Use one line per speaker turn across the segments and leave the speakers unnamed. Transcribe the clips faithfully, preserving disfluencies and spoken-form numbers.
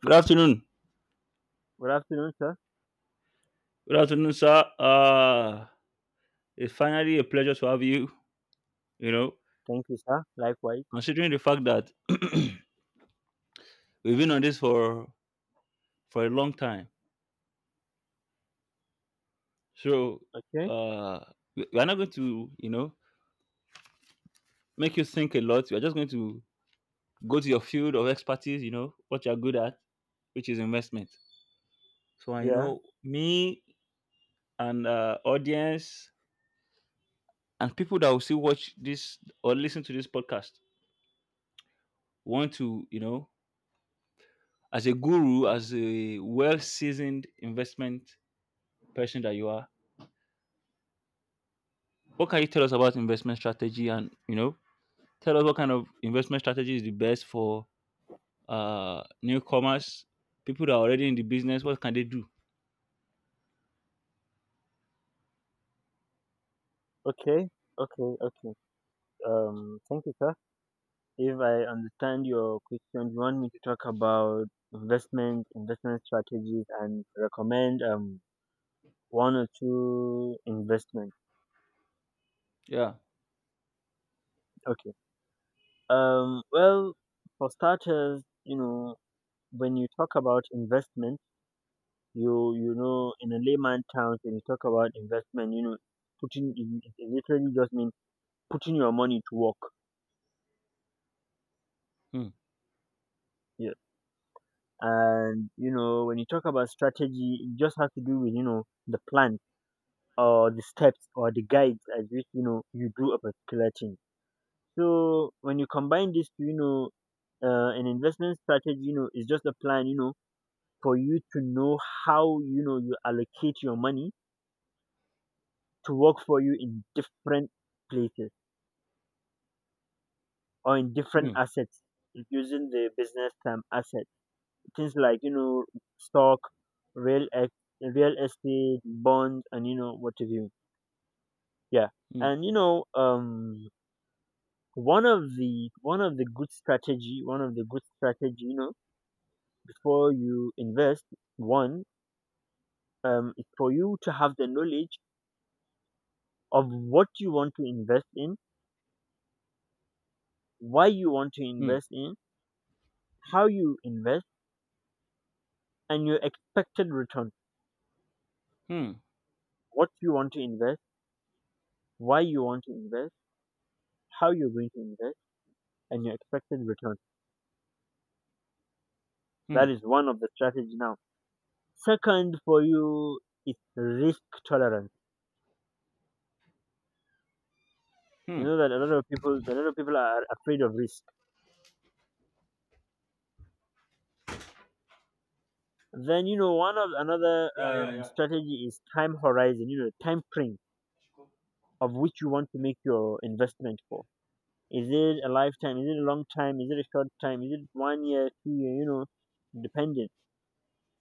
Good afternoon.
Good afternoon, sir.
Good afternoon, sir. Uh, it's finally a pleasure to have you. You know,
Thank you, sir. Likewise.
Considering the fact that we've been on this for for a long time, so
Okay.
uh, we we are not going to, you know, make you think a lot. We are just going to go to your field of expertise. You know, what you are good at, which is investment. So, uh, you
Yeah.
know, me and uh, audience and people that will still watch this or listen to this podcast want to, you know, as a guru, as a well seasoned investment person that you are, what can you tell us about investment strategy? And you know, tell us what kind of investment strategy is the best for uh, newcomers, people that are already in the business. What can they do?
Okay. Okay. Okay. Um. Thank you, sir. If I understand your question, you want me to talk about investment, investment strategies, and recommend um one or two investments.
Yeah.
Okay. Um. Well, for starters, you know, when you talk about investment, you you know, in a layman terms, when you talk about investment, you know, putting it it literally just means putting your money to work.
Hmm.
Yes, and you know, when you talk about strategy, it just has to do with, you know, the plan or the steps or the guides as which, you know, you do a particular thing. So when you combine this to, you know, uh, an investment strategy, you know, is just a plan, you know, for you to know how, you know, you allocate your money to work for you in different places or in different
Hmm.
assets, using the business term asset, things like, you know, stock, real ex- real estate, bonds, and, you know, what have you. Yeah,
Hmm.
and you know um one of the one of the good strategy, one of the good strategy you know, before you invest, one, um is for you to have the knowledge of what you want to invest in, why you want to
Hmm.
invest in, how you invest, and your expected return.
Hmm.
What you want to invest, why you want to invest, how you're going to invest, and your expected return. That
Hmm.
is one of the strategy now. Second, for you, is risk tolerance. You
Hmm.
know that a lot of people, a lot of people are afraid of risk. Then, you know, one of another um, strategy is time horizon. You know, time frame of which you want to make your investment for. Is it a lifetime? Is it a long time? Is it a short time? Is it one year, two year? You know, dependent.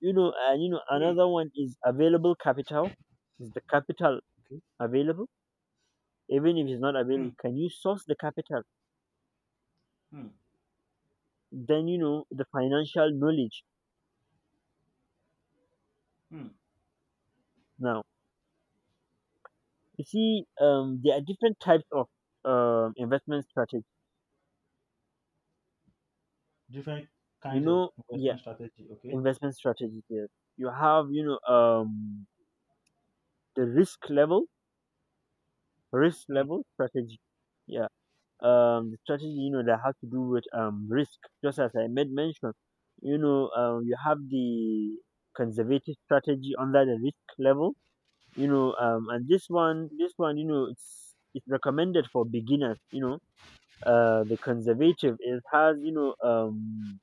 You know, and you know, another one is available capital. Is the capital
Okay.
available? Even if it's not
Hmm.
available, can you source the capital?
Hmm.
Then, you know, the financial knowledge.
Hmm.
Now you see, um there are different types of um investment strategy,
Different
you
kinds of
know. Yeah,
investment strategy. Okay.
investment strategy there, you have, you know, um the risk level, risk
Hmm.
level strategy, yeah, um the strategy, you know, that has to do with um risk, just as I made mention. You know, um you have the conservative strategy under the risk level, you know, um and this one this one, you know, it's it's recommended for beginners, you know, uh, the conservative. It has, you know, um,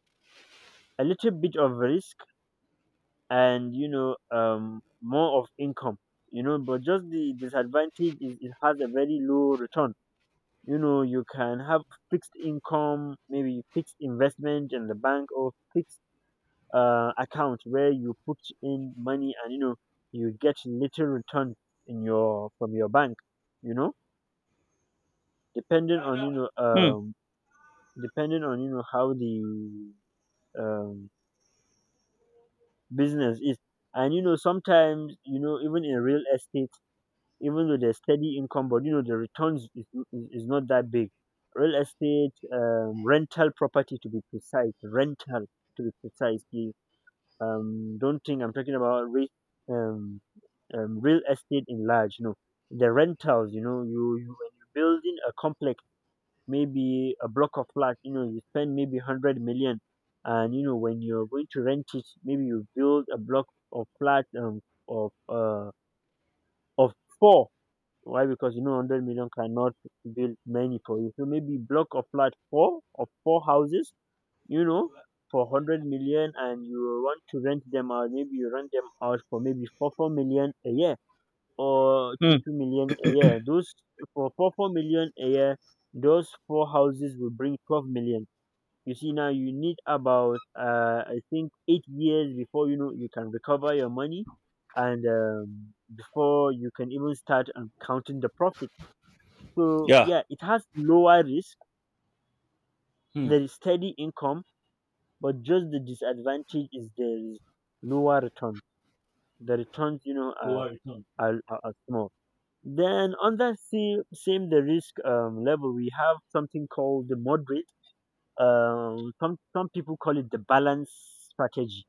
a little bit of risk, and, you know, um, more of income, you know. But just the disadvantage is it has a very low return, you know. You can have fixed income, maybe fixed investment in the bank, or fixed uh, account, where you put in money and, you know, you get little return in your from your bank, you know, depending on, you know,
Hmm.
um depending on, you know, how the um business is. And, you know, sometimes, you know, even in real estate, even though there's steady income, but, you know, the returns is, is, is not that big. Real estate, um, rental property, to be precise, rental to be precise. The, Um, don't think I'm talking about re- um, um, real estate in large. No, the rentals. You know, you, you, when you're building a complex, maybe a block of flat, you know, you spend maybe one hundred million. And, you know, when you're going to rent it, maybe you build a block of flat um, of, uh, of four. Why? Because, you know, one hundred million cannot build many for you. So maybe block of flat four, of four houses, you know, for one hundred million, and you want to rent them out. Maybe you rent them out for maybe four four million a year, or
Hmm.
two two million a year. Those for four four million a year, those four houses will bring twelve million. You see, now you need about uh, I think eight years before, you know, you can recover your money, and, um, before you can even start um, counting the profit. So
Yeah.
yeah, it has lower risk.
Hmm.
There is steady income, but just the disadvantage is there is lower return. The returns, you know, are
Lower return.
are, are are small. Then on that same, same the risk um, level, we have something called the moderate. Um, some some people call it the balance strategy,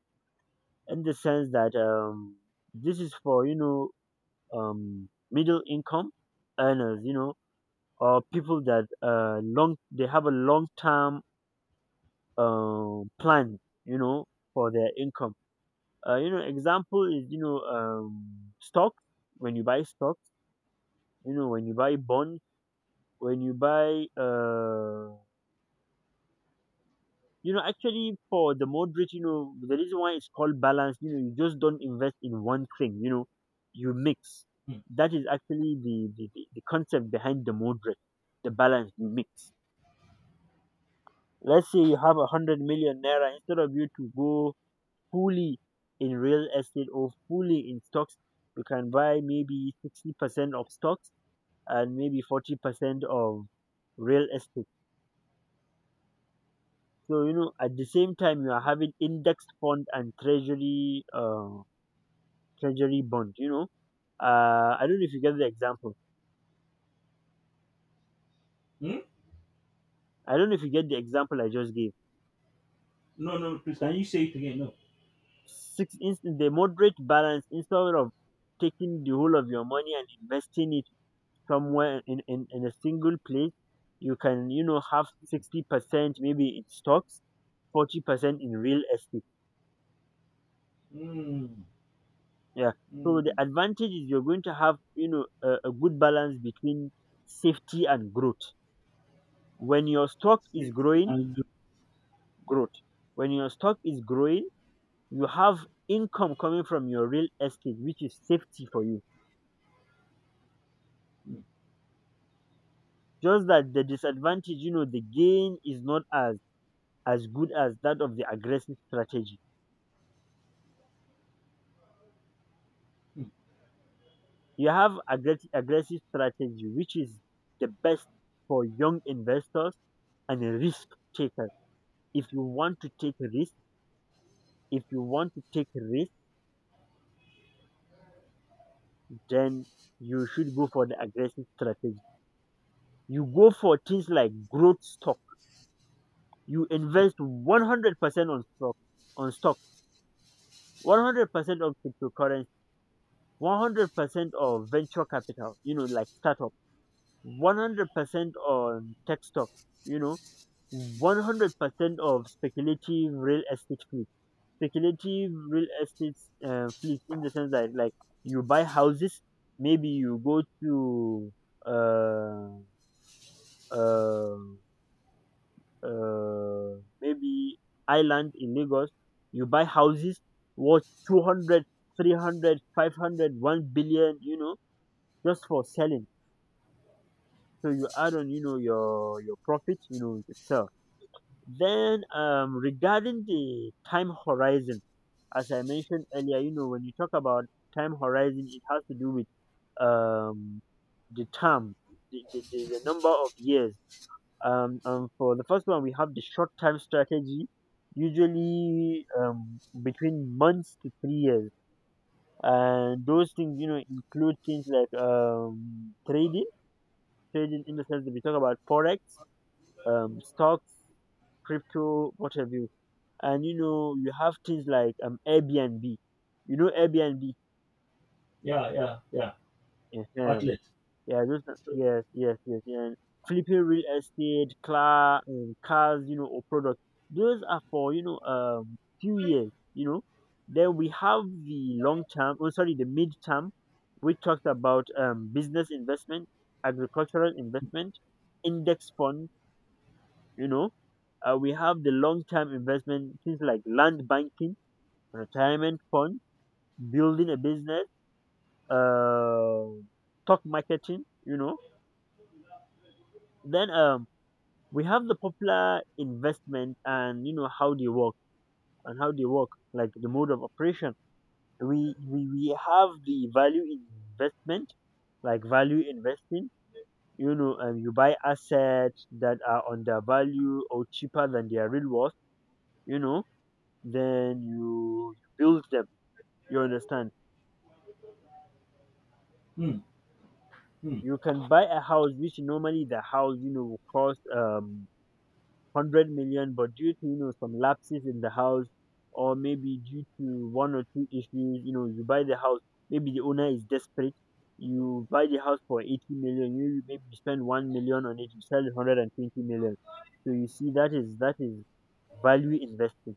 in the sense that um, this is for, you know, um, middle income earners, you know, or people that uh, long they have a long term um plan, you know, for their income. Uh, you know, example is, you know, um, stocks. When you buy stocks, you know, when you buy bonds, when you buy uh you know, actually for the moderate, you know, the reason why it's called balance, you know, you just don't invest in one thing, you know, you mix.
Hmm.
That is actually the the, the the concept behind the moderate, the balance. You mix. Let's say you have a hundred million naira. Instead of you to go fully in real estate or fully in stocks, you can buy maybe sixty percent of stocks and maybe forty percent of real estate. So, you know, at the same time, you are having index fund and treasury uh, treasury bond. You know, uh, I don't know if you get the example.
Hmm?
I don't know if you get the example I just gave.
No, no, please. Can you say it again? No.
Six in, the moderate balance, instead of taking the whole of your money and investing it somewhere in, in, in a single place, you can, you know, have sixty percent maybe in stocks, forty percent in real estate.
Hmm.
Yeah. So the
Hmm.
advantage is you're going to have, you know, a, a good balance between safety and growth. When your stock is
City
growing,
and
growth, when your stock is growing, you have income coming from your real estate, which is safety for you. Just that the disadvantage, you know, the gain is not as as good as that of the aggressive strategy.
Hmm.
You have aggressive, aggressive strategy, which is the best for young investors and risk takers. If you want to take risk, if you want to take risk, then you should go for the aggressive strategy. You go for things like growth stock. You invest one hundred percent on stock, on stock one hundred percent on cryptocurrency. one hundred percent of venture capital, you know, like startup. one hundred percent on tech stock, you know. one hundred percent of speculative real estate fleet, speculative real estate, uh, fleet, in the sense that like you buy houses. Maybe you go to uh, uh, uh, maybe island in Lagos. You buy houses worth two hundred, three hundred, five hundred, one billion, you know, just for selling. So you add on, you know, your your profit, you know, you. Then, um, regarding the time horizon, as I mentioned earlier, you know, when you talk about time horizon, it has to do with um, the term, the, the, the, the number of years. Um, um, for the first one, we have the short term strategy, usually um, between months to three years. And those things, you know, include things like um, trading, trading in the sense that we talk about forex, um, stocks, crypto, what have you. And, you know, you have things like um, Airbnb. You know, Airbnb.
Yeah, yeah, yeah. Outlet.
Yeah, those are, yes, yes, yes, yeah. Flipping real estate, car, um, cars, you know, or products. Those are for, you know, um, few years, you know. Then we have the long term. Oh, sorry, the mid term, which talks about um, business investment, agricultural investment, index fund. You know, uh, we have the long term investment, things like land banking, retirement fund, building a business, uh, stock marketing. You know, then um we have the popular investment and, you know, how they work. And how they work, like the mode of operation, we we, we have the value in investment, like value investing. You know, um, you buy assets that are undervalued or cheaper than their real worth, you know. Then you you build them, you understand?
Hmm. Hmm.
You can buy a house which normally the house, you know, will cost um one hundred million, but due to, you know, some lapses in the house, or maybe due to one or two issues, you know, you buy the house. Maybe the owner is desperate. You buy the house for eighty million. You, maybe you spend one million on it, you sell it one hundred twenty million. So you see, that is that is value invested.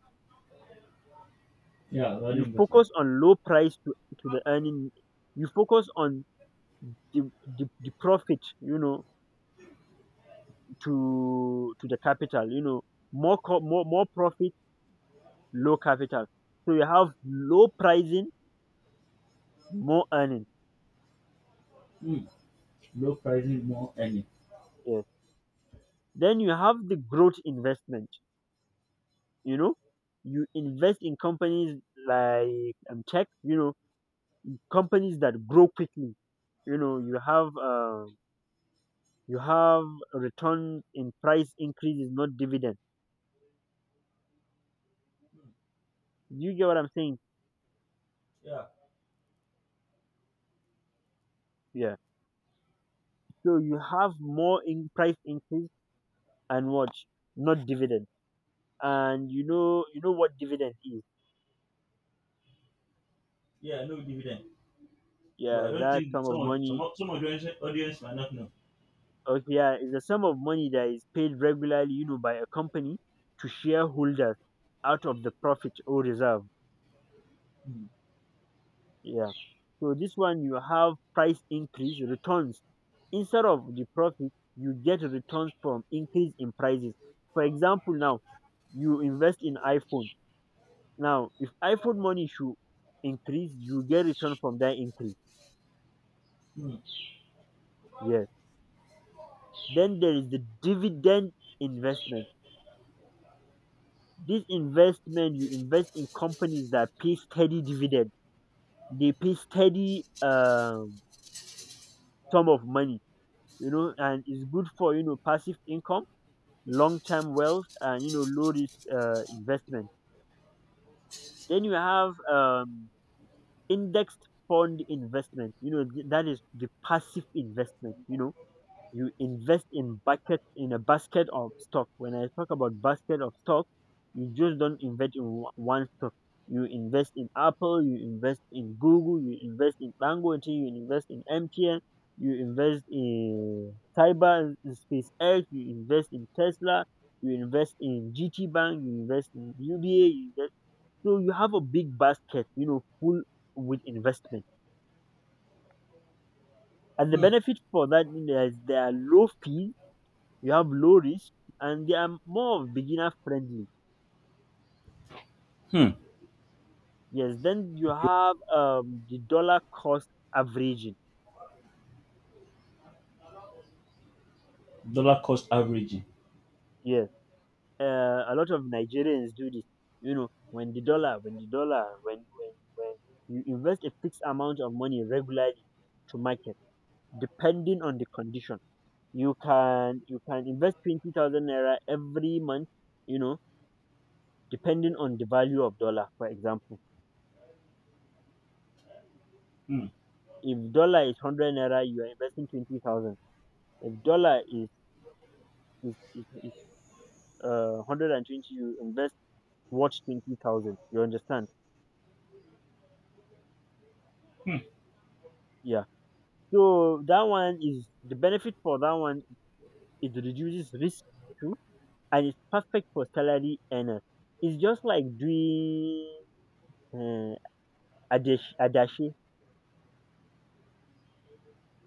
Yeah, value
You
investment.
focus on low price to, to the earning. You focus on the, the, the profit, you know, to to the capital. You know, more co- more more profit, low capital. So you have low pricing, more earning.
Hmm. Low pricing, more earning.
Yes. Then you have the growth investment. You know, you invest in companies like um, tech. You know, companies that grow quickly. You know, you have uh, you have return in price increases, not dividend. You get what I'm saying? Yeah. So you have more in price increase and what? Not dividend. And you know, you know what dividend is.
Yeah, no dividend. But I
Yeah,
don't
that
think
sum of
some of some
money.
of- some of the audience audience might not know.
Okay, yeah, it's a sum of money that is paid regularly, you know, by a company to shareholders out of the profit or reserve. Yeah. So this one you have price increase returns. Instead of the profit, you get returns from increase in prices. For example, now you invest in iPhone. Now, if iPhone money should increase, you get return from that increase. Yes. Then there is the dividend investment. This investment you invest in companies that pay steady dividend, they pay steady um, sum of money, you know, and it's good for you know passive income, long term wealth, and you know low risk uh, investment. Then you have um, indexed fund investment, you know, th- that is the passive investment, you know you invest in bucket in a basket of stock. When I talk about basket of stock, you just don't invest in o- one stock. You invest in Apple, you invest in Google, you invest in Dangote, you invest in M T N, you invest in Cyber, in SpaceX, you invest in Tesla, you invest in G T Bank, you invest in U B A, you invest. So you have a big basket, you know, full with investment. And the benefit for that is there is- there are low fees, you have low reach, and they are more of beginner friendly.
Hmm.
Yes, then you
Okay.
have um, the dollar cost averaging.
Dollar cost averaging.
Yes, uh, a lot of Nigerians do this. You know, when the dollar, when the dollar, when when when you invest a fixed amount of money regularly to market, depending on the condition, you can you can invest twenty thousand naira every month. You know, depending on the value of dollar, for example.
Hmm.
If dollar is hundred naira, you are investing twenty thousand. If dollar is is is is uh one hundred and twenty, you invest watch twenty thousand. You understand?
Hmm.
Yeah. So that one is the benefit for that one. It reduces risk too, and it's perfect for salary earners. It's just like doing uh, adash adashe.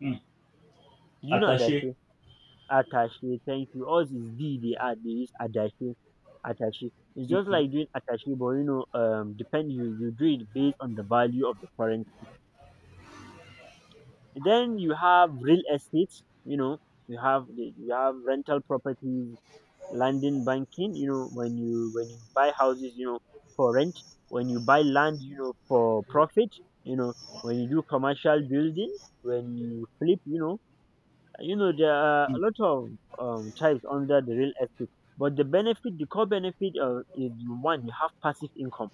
Hmm.
Do you know
Attaché.
adashe? Attache. Thank you. Ours is D. They are they use adashe. Attache. It's just
Okay.
like doing attache, but you know, um, depend you you do it based on the value of the currency. Then you have real estate, you know, you have you have rental properties, landing banking, you know, when you when you buy houses, you know, for rent, when you buy land, you know, for profit, you know, when you do commercial building, when you flip, you know, you know, there are a lot of um, types under the real estate. But the benefit, the core benefit, uh, is you one, you have passive income,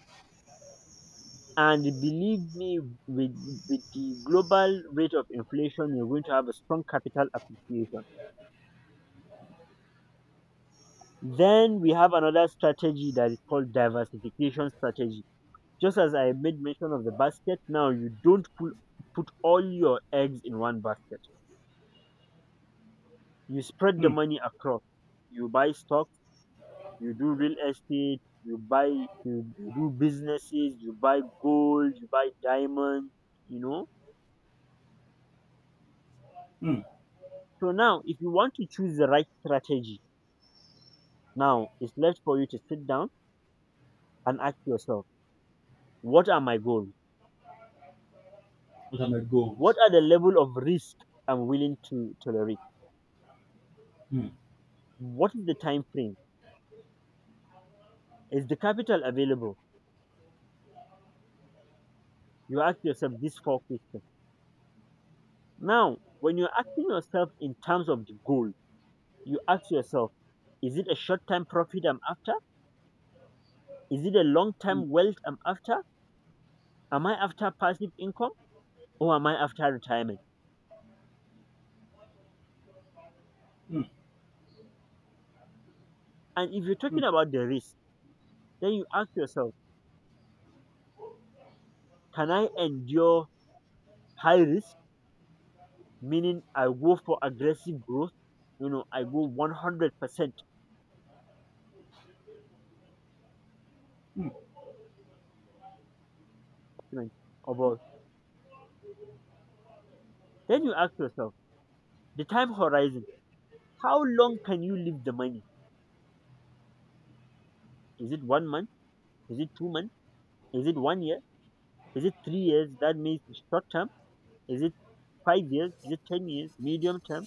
and believe me, with, with the global rate of inflation, you're going to have a strong capital appreciation. Then we have another strategy that is called diversification strategy. Just as I made mention of the basket, now you don't pull, put all your eggs in one basket. You spread the
Hmm.
money across. You buy stocks, you do real estate, you buy, you, you do businesses, you buy gold, you buy diamonds, you know.
Hmm.
So now, if you want to choose the right strategy, now it's left for you to sit down and ask yourself, what are my goals?
What are my
What
goals?
are the level of risk I'm willing to tolerate?
Hmm.
What is the time frame? Is the capital available? You ask yourself these four questions. Now, when you're asking yourself in terms of the goal, you ask yourself, is it a short time profit I'm after? Is it a long
Hmm.
time wealth I'm after? Am I after passive income or am I after retirement?
Hmm.
And if you're
Hmm.
talking about the risk, then you ask yourself, can I endure high risk? Meaning I go for aggressive growth, you know, I go one hundred percent different about. Then you ask yourself, the time horizon, how long can you leave the money? Is it one month? Is it two months? Is it one year? Is it three years? That means it's short term. Is it five years? Is it ten years? Medium term?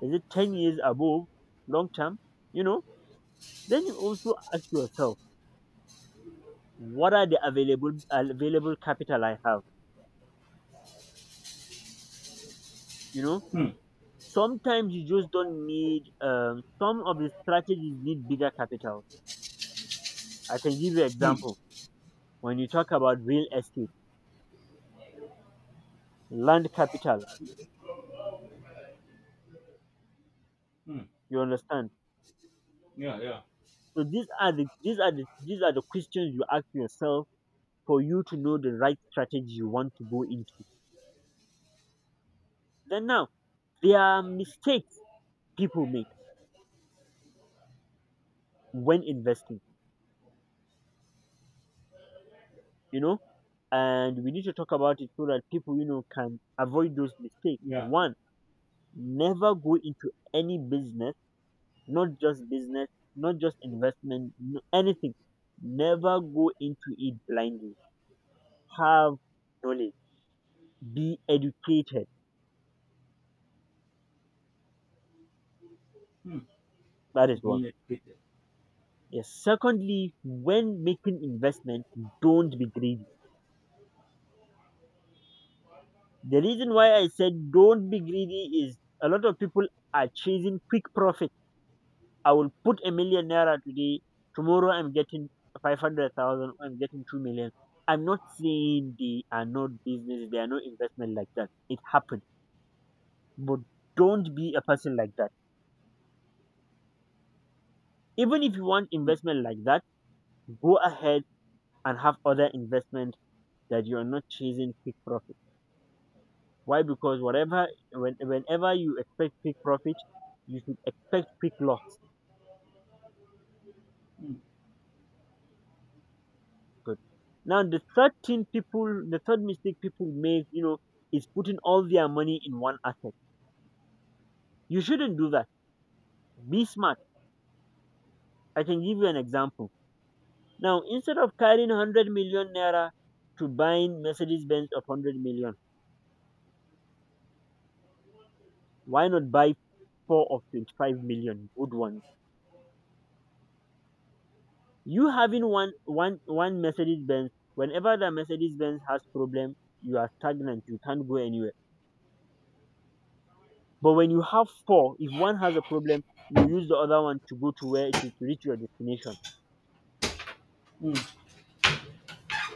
Is it ten years above long term? You know, then you also ask yourself, what are the available available capital I have? You know,
Hmm.
sometimes you just don't need um, some of the strategies need bigger capital. I can give you
Hmm.
example, when you talk about real estate, land capital,
Hmm.
you understand?
Yeah, yeah,
So these are the these are the these are the questions you ask yourself for you to know the right strategy you want to go into. Then now, there are mistakes people make when investing, you know, and we need to talk about it so that people you know can avoid those mistakes.
yeah.
One, never go into any business, not just business, not just investment, n- anything. Never go into it blindly. Have knowledge. Be educated.
Hmm.
That is one.
Being educated.
Yes. Secondly, when making investment, don't be greedy. The reason why I said don't be greedy is a lot of people are chasing quick profit. I will put a million naira today. Tomorrow I'm getting five hundred thousand. I'm getting two million. I'm not saying they are not business, they are no investment like that. It happens, but don't be a person like that. Even if you want investment like that, go ahead and have other investment that you're not chasing quick profit. Why? Because whatever, when, whenever you expect quick profit, you should expect quick loss. Good. Now, the third thing people, the third mistake people make, you know, is putting all their money in one asset. You shouldn't do that. Be smart. I can give you an example. Now, instead of carrying one hundred million naira to buying Mercedes Benz of one hundred million, why not buy four or twenty-five million good ones. You having one one one Mercedes Benz, whenever that Mercedes Benz has problem, you are stagnant. You can't go anywhere. But when you have four, if one has a problem, you use the other one to go to where to, to reach your destination.
Hmm.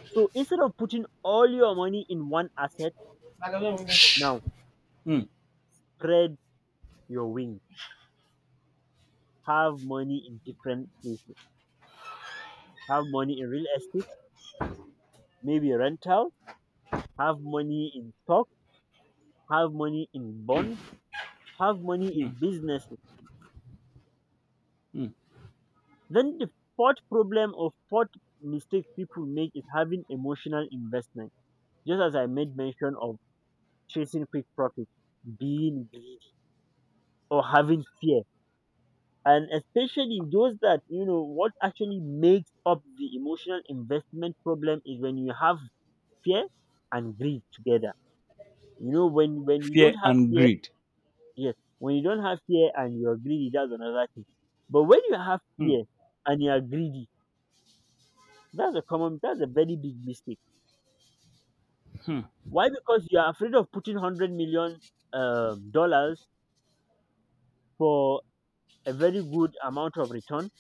So instead of putting all your money in one asset, now
Hmm.
spread your wings. Have money in different places. Have money in real estate, maybe rental. Have money in stock. Have money in bonds. Have money
Hmm.
in business.
Hmm.
Then the fourth problem or fourth mistake people make is having emotional investment. Just as I made mention of chasing quick profit, being greedy, or having fear. And especially those that, you know, what actually makes up the emotional investment problem is when you have fear and greed together. You know, when, when you don't
Fear
have
and
fear,
greed.
yes, when you don't have fear and you're greedy, that's another thing. But when you have
Hmm,
fear and you are greedy, that's a common, that's a very big mistake.
hmm,
Why? Because you are afraid of putting hundred million um, dollars for a very good amount of return.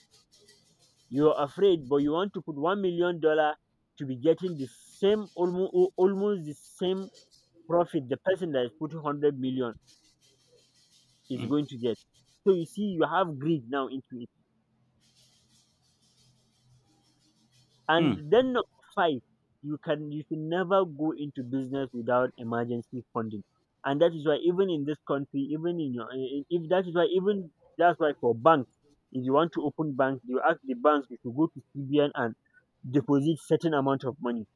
You are afraid, but you want to put one million dollar to be getting the same almost almost the same profit the person that is putting hundred million is
hmm,
going to get. So you see, you have greed now into it.
hmm.
And then number five, you can you can never go into business without emergency funding, and that is why even in this country, even in your eh, eh, if that is why even that's why for banks, if you want to open bank, you ask the banks if you go to C B N and deposit certain amount of money.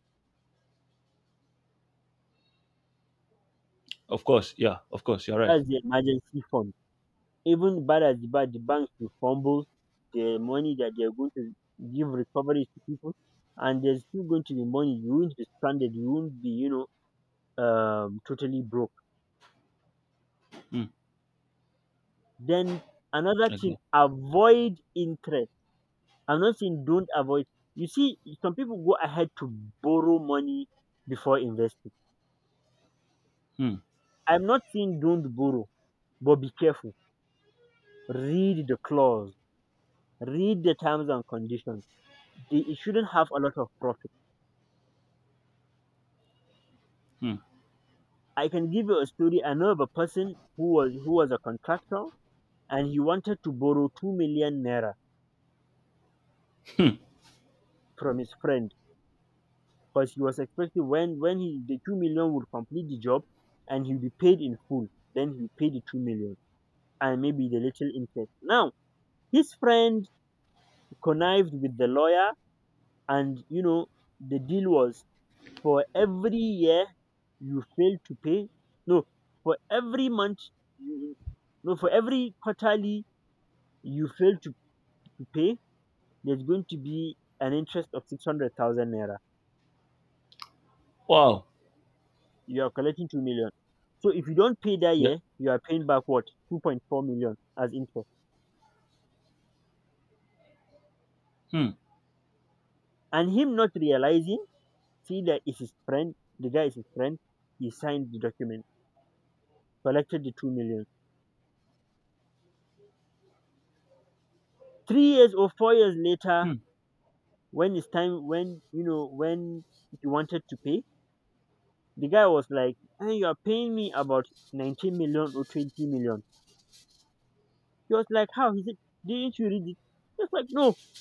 Of course, yeah, of course, you're right.
That's the emergency fund. Even bad as bad, the banks will fumble the money that they are going to give recovery to people, and there's still going to be money. You won't be stranded. You won't be you know um totally broke.
Hmm,
Then another thing,
exactly.
avoid interest. I'm not saying don't avoid. You see, some people go ahead to borrow money before investing.
Hmm,
I'm not saying don't borrow, but be careful. Read the clause, read the terms and conditions. They, it shouldn't have a lot of profit.
hmm.
I can give you a story. I know of a person who was who was a contractor and he wanted to borrow two million naira from his friend because he was expecting when when he the two million would complete the job and he'll be paid in full. Then he'll pay the two million and maybe the little interest. Now his friend connived with the lawyer, and you know the deal was for every year you fail to pay. No, for every month. You, no, for every quarterly you fail to, to pay, there's going to be an interest of six hundred thousand naira.
Wow.
You are collecting two million. So if you don't pay that
Yeah.
year, you are paying back what? 2.4 million as interest.
Hmm,
And him not realizing, see, that is his friend, the guy is his friend, he signed the document, collected the 2 million. Three years or four years later,
hmm,
when it's time, when, you know, when he wanted to pay, the guy was like, "Hey, you are paying me about nineteen million or twenty million." He was like, "How?" He said, "Didn't you read it?" He was like, "No." He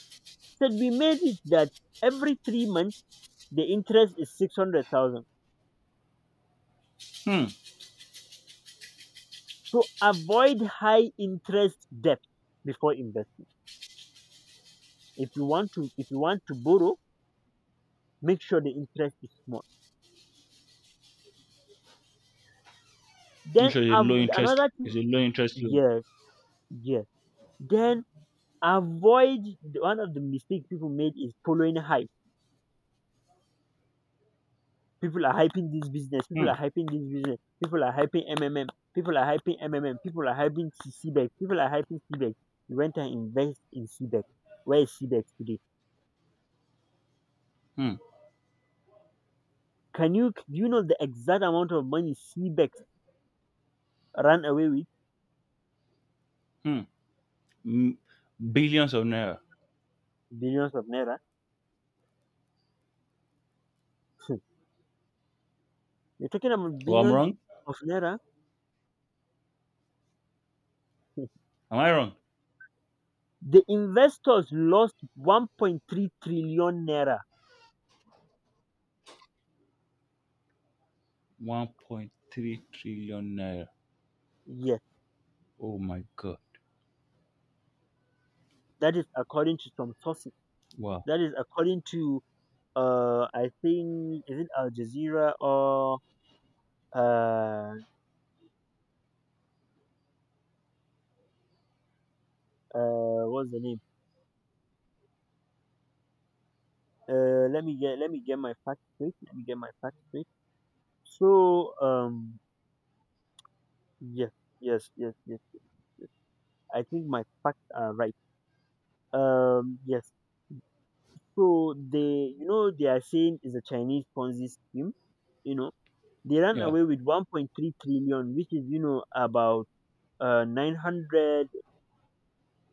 said, "We made it that every three months, the interest is six hundred thousand"
hmm.
So avoid high interest debt before investing. If you want to if you want to borrow, make sure the interest is small.
I'm
Then
sure it's a low
av-
interest
another
is
thing.
a low interest loan.
Yes, yes. Then avoid the- one of the mistakes people made is following hype. People are hyping this business, people
Hmm,
are hyping this business, people are hyping M M M, people are hyping M M M, people are hyping C B E C, people are hyping C B E C. You went and invest in C B E C. Where is C B E C today?
hmm,
Can you do you know the exact amount of money C B E X ran away with?
hmm. Mm. Billions of naira.
Billions of naira. You're talking about
Oh, I'm
billions
wrong.
of naira.
Am I wrong?
The investors lost one point three trillion naira.
one point three trillion naira.
Yes,
Oh my god.
that is according to some sources.
Wow.
That is according to uh, I think, is it Al Jazeera or uh, uh, what's the name? Uh, let me get let me get my facts straight. Let me get my facts straight. So um, yes, yes, yes, yes. I think my facts are right. Um, yes. So they, you know, they are saying is a Chinese Ponzi scheme. You know, they ran
Yeah.
away with one point three trillion, which is you know about uh nine hundred,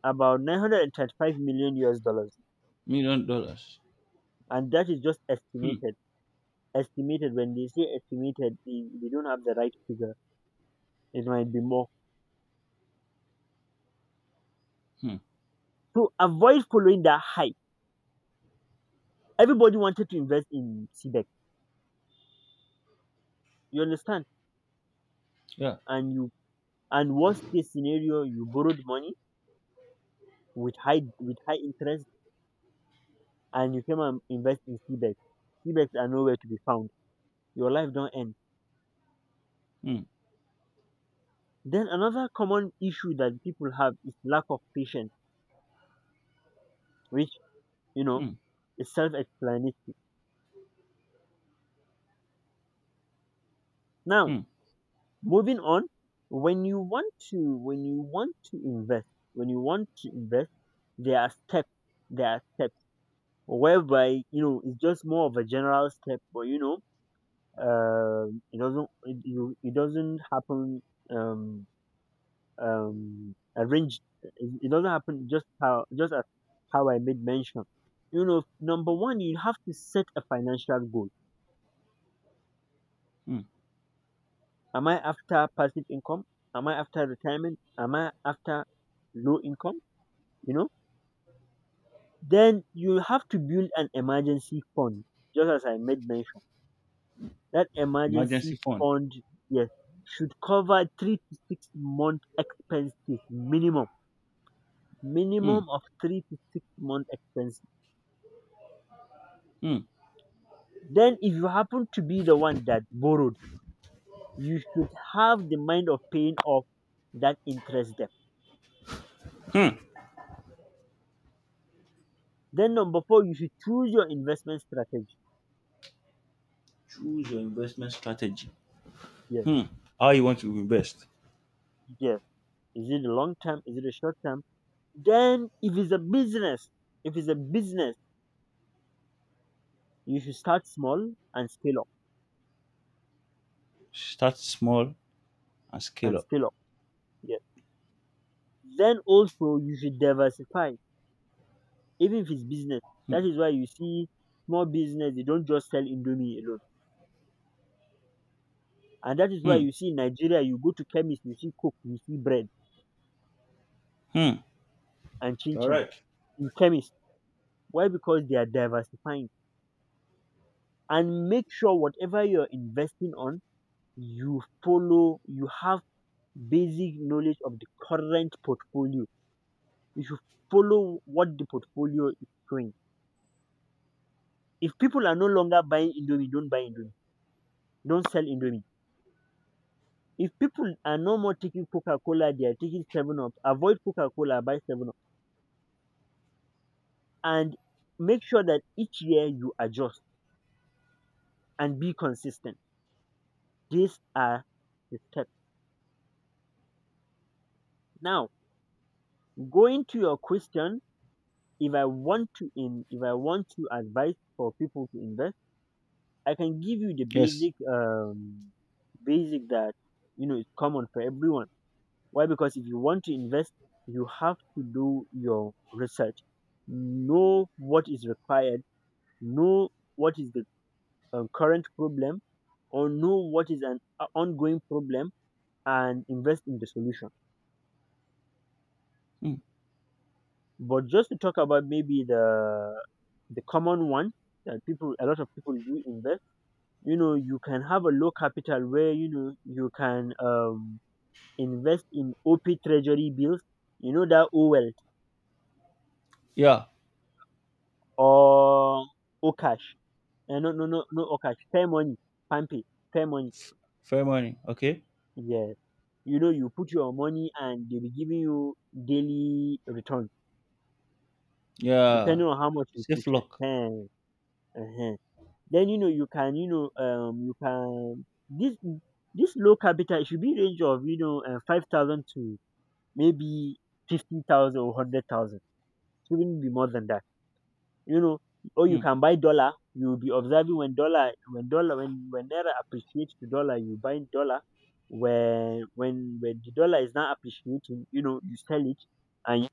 about nine hundred thirty-five million U S dollars,
Million dollars.
and that is just
Hmm,
estimated. Estimated, when they say estimated, they, they don't have the right figure. It might be more.
hmm.
So avoid following that hype. Everybody wanted to invest in C B E C. You understand?
Yeah.
And you and worst case scenario, you borrowed money with high with high interest and you came and invest in C B E X. C B E X are nowhere to be found. Your life don't end.
Hmm,
Then another common issue that people have is lack of patience, which you know
hmm,
is self-explanatory. Now,
hmm,
moving on, when you want to when you want to invest, when you want to invest, there are steps. There are steps whereby you know it's just more of a general step, but you know, um, it doesn't it, you- it doesn't happen. Um, um, arranged. It it doesn't happen just how just as how I made mention. You know, number one, you have to set a financial goal.
hmm.
Am I after passive income? Am I after retirement? Am I after low income? You know, then you have to build an emergency fund, just as I made mention. That
Emergency
emergency
fund.
fund, yes, should cover three to six month expenses minimum,
Hmm,
minimum of three to six month expenses.
hmm.
Then, if you happen to be the one that borrowed, you should have the mind of paying off that interest debt.
um
Then, number four, you should choose your investment strategy.
Choose your investment strategy.
Yes,
Hmm. How you want to invest.
yes. Is it a long term? Is it a short term? Then, if it's a business, if it's a business, you should start small and scale up
Start small and scale
and
up.
scale up. Yes. Then also you should diversify, even if it's business.
Hmm.
That is why you see small business, they don't just sell Indomie alone. And that is why
Hmm.
you see in Nigeria, you go to chemist, you see coke, you see bread,
Hmm.
and chin
All
chin
right.
in chemist. Why? Because they are diversifying. And make sure whatever you're investing on, you follow, you have basic knowledge of the current portfolio. You should follow what the portfolio is doing. If people are no longer buying Indomie, don't buy Indomie. Don't sell Indomie. If people are no more taking Coca Cola, they are taking seven Up. Avoid Coca Cola, buy seven Up. And make sure that each year you adjust and be consistent. These are the steps. Now, going to your question, if I want to in if I want to advise for people to invest, I can give you the
Yes.
basic, um basic that you know is common for everyone. Why? Because if you want to invest, you have to do your research, know what is required, know what is the uh, current problem, or know what is an o- ongoing problem, and invest in the solution.
Hmm.
But just to talk about maybe the the common one that people a lot of people do invest, you know you can have a low capital where you know you can um invest in op treasury bills, you know that O Wealth
Yeah.
or Okash, uh, no, no, no, no, Okash, Fair Money, Pampe, Fair Money,
Fair money. Okay.
yeah. you know you put your money and they be giving you daily return
Yeah.
depending on how much you put.
Safe lock.
Uh-huh, uh-huh. Then you know you can, you know um you can, this this low capital, it should be range of, you know uh, five thousand to maybe fifty thousand or hundred thousand. It shouldn't be more than that. You know, or you
Hmm.
can buy dollar. You'll be observing when dollar when dollar when when naira appreciates to dollar, you buy dollar. When when when the dollar is not appreciating, you know you sell it, and you,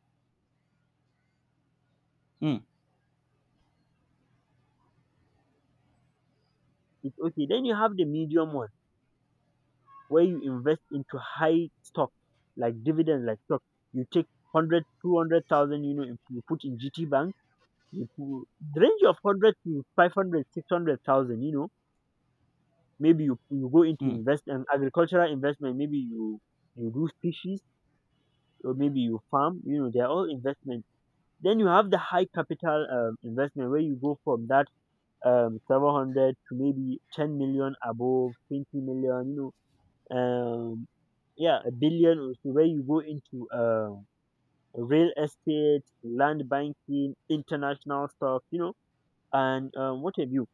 Hmm.
it's okay. Then you have the medium one where you invest into high stock like dividends, like stock, you take one hundred, two hundred thousand. you know if you put in G T bank, you put the range of one hundred to five hundred, six hundred thousand. you know maybe you, you go into
Hmm.
investment agricultural investment, maybe you you do species, or maybe you farm. you know they're all investment. Then you have the high capital um, investment where you go from that um seven hundred to maybe ten million, above twenty million, you know um yeah, a billion also, where you go into uh real estate, land banking, international stuff, you know and um, what have you.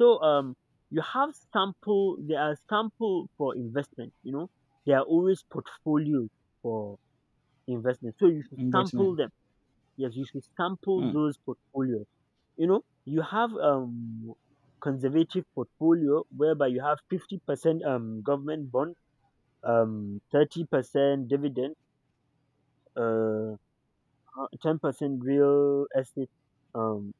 So um you have sample there are sample for investment. you know there are always portfolios for investment, so you should sample
Investment.
them. Yes, you should sample
Hmm.
those portfolios. you know you have um conservative portfolio whereby you have fifty percent um government bond, um thirty percent dividend, uh Uh, ten percent real estate, um,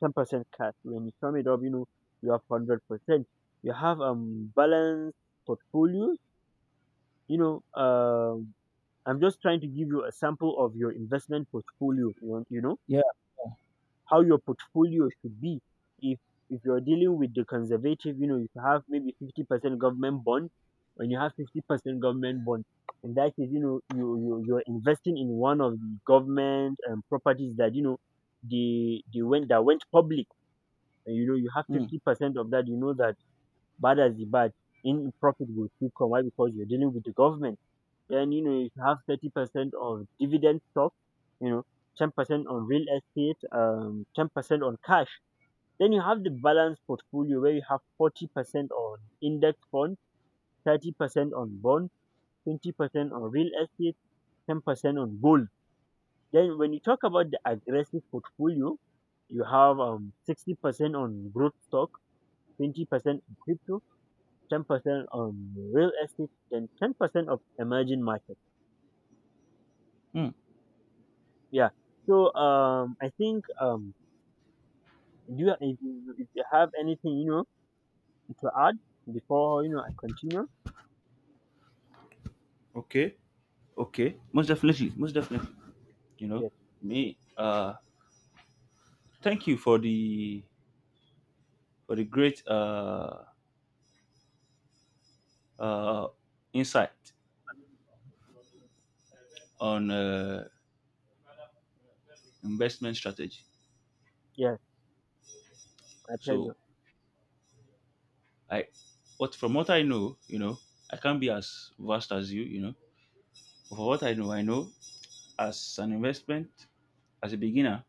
ten percent cash. When you sum it up, you know you have hundred percent. You have um balanced portfolios. You know, um, I'm just trying to give you a sample of your investment portfolio. You know, you know.
Yeah.
How your portfolio should be. If if you're dealing with the conservative, you know, you have maybe fifty percent government bond and you have fifty percent government bond. In that case, you know, you, you you're investing in one of the government um, properties that you know they they went that went public, and you know you have
Hmm.
fifty percent of that. you know that bad as the bad, in profit will still come. Why? Because you're dealing with the government. Then you know if you have thirty percent of dividend stock, you know, ten percent on real estate, um, ten percent on cash. Then you have the balanced portfolio where you have forty percent on index fund, thirty percent on bond, twenty percent on real estate, ten percent on gold. Then when you talk about the aggressive portfolio, you have um, sixty percent on growth stock, twenty percent on crypto, ten percent on real estate, then ten percent of emerging markets.
Hmm.
Yeah. So um, I think um, do you, if, you, if you have anything, you know, to add before, you know, I continue?
Okay. Okay. Most definitely. Most definitely. You know
Yes.
me. Uh, thank you for the for the great uh uh insight on uh investment strategy.
Yes. My
So
pleasure.
I, what from what I know, you know, I can't be as vast as you, you know. But for what I know, I know as an investment, as a beginner,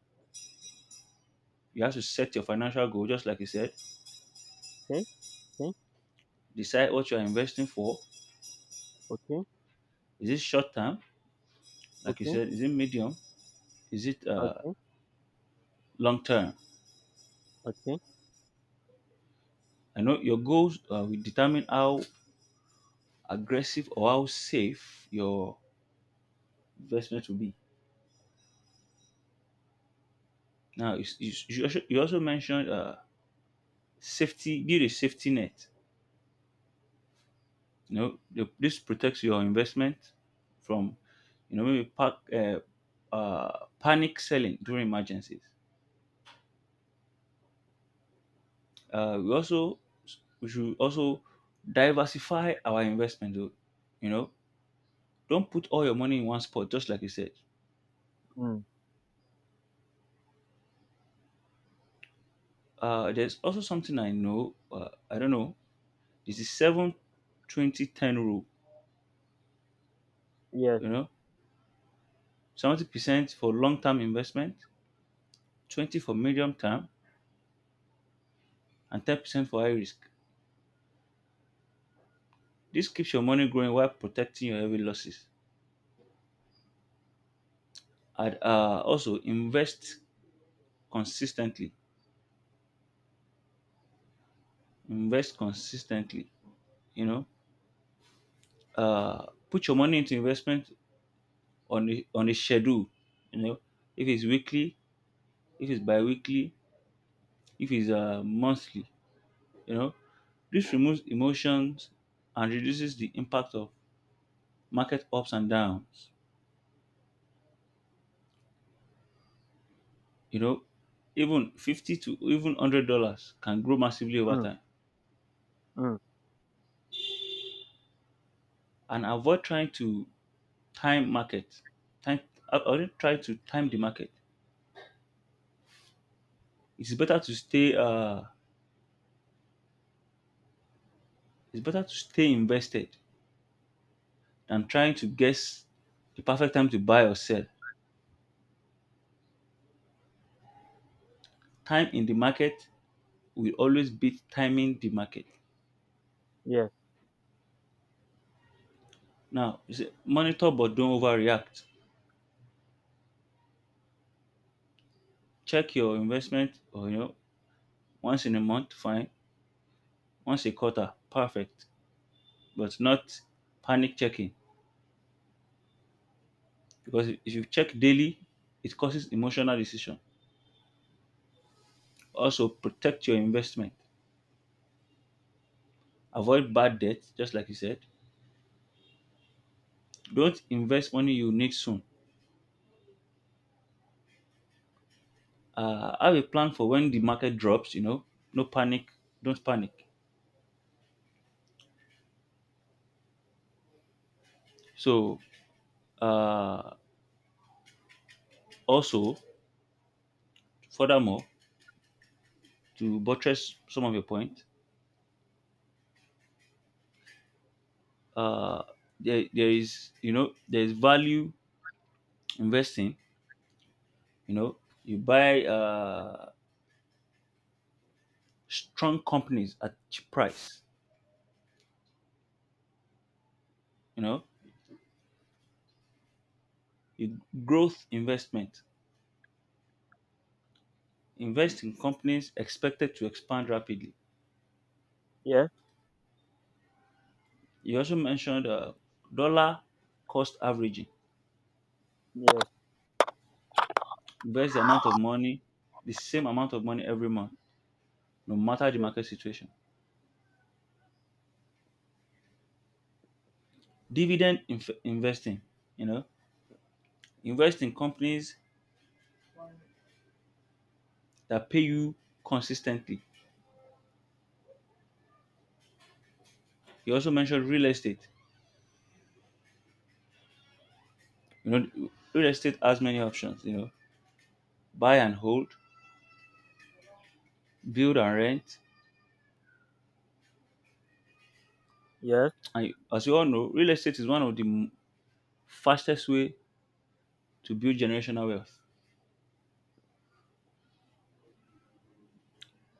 you have to set your financial goal, just like you said.
Okay. Okay.
Decide what you are investing for.
Okay,
Is it short term, like you
okay,
said? Is it medium? Is it uh,
okay,
long term?
okay.
I know your goals uh, will determine how aggressive or how safe your investment will be. Now, you, you, you also you also mentioned uh, safety, build a safety net. You know the, this protects your investment from you know maybe pack, uh, uh, panic selling during emergencies. Uh, we also we should also diversify our investment though. you know don't put all your money in one spot, just like you said.
Mm,
Uh, there's also something I know, uh, I don't know, this is seven twenty ten rule.
yes.
you know seventy percent for long-term investment, twenty for medium term, and ten percent for high risk. This keeps your money growing while protecting your heavy losses. And uh, also invest consistently. Invest consistently. You know, uh, Put your money into investment on a, on a schedule. You know, if it's weekly, if it's bi-weekly, if it's uh, monthly. You know, this removes emotions and reduces the impact of market ups and downs. You know, Even fifty to even hundred dollars can grow massively over
Mm,
time.
mm,
And avoid trying to time market time I I already try to time the market. It's better to stay uh it's better to stay invested than trying to guess the perfect time to buy or sell. Time in the market will always beat timing the market.
yes,
Now, you see, monitor but don't overreact. Check your investment, or you know once in a month fine, once a quarter perfect, but not panic checking. Because if you check daily, it causes emotional decision. Also protect your investment. Avoid bad debt, just like you said. Don't invest money you need soon. Uh, have a plan for when the market drops. You know, no panic. Don't panic. So, uh, also, furthermore, to buttress some of your point, uh, there, there is you know there is value investing. You know, you buy uh, strong companies at cheap price. You know, you Growth investment. Invest in companies expected to expand rapidly.
yes,
You also mentioned uh, dollar cost averaging.
yes,
Invest the amount of money, the same amount of money every month, no matter the
yes,
market situation. Dividend inf- investing, you know, invest in companies that pay you consistently. You also mentioned real estate. You know, real estate has many options. You know, buy and hold, build and rent.
yes.
And as you all know, real estate is one of the m- fastest way to build generational wealth.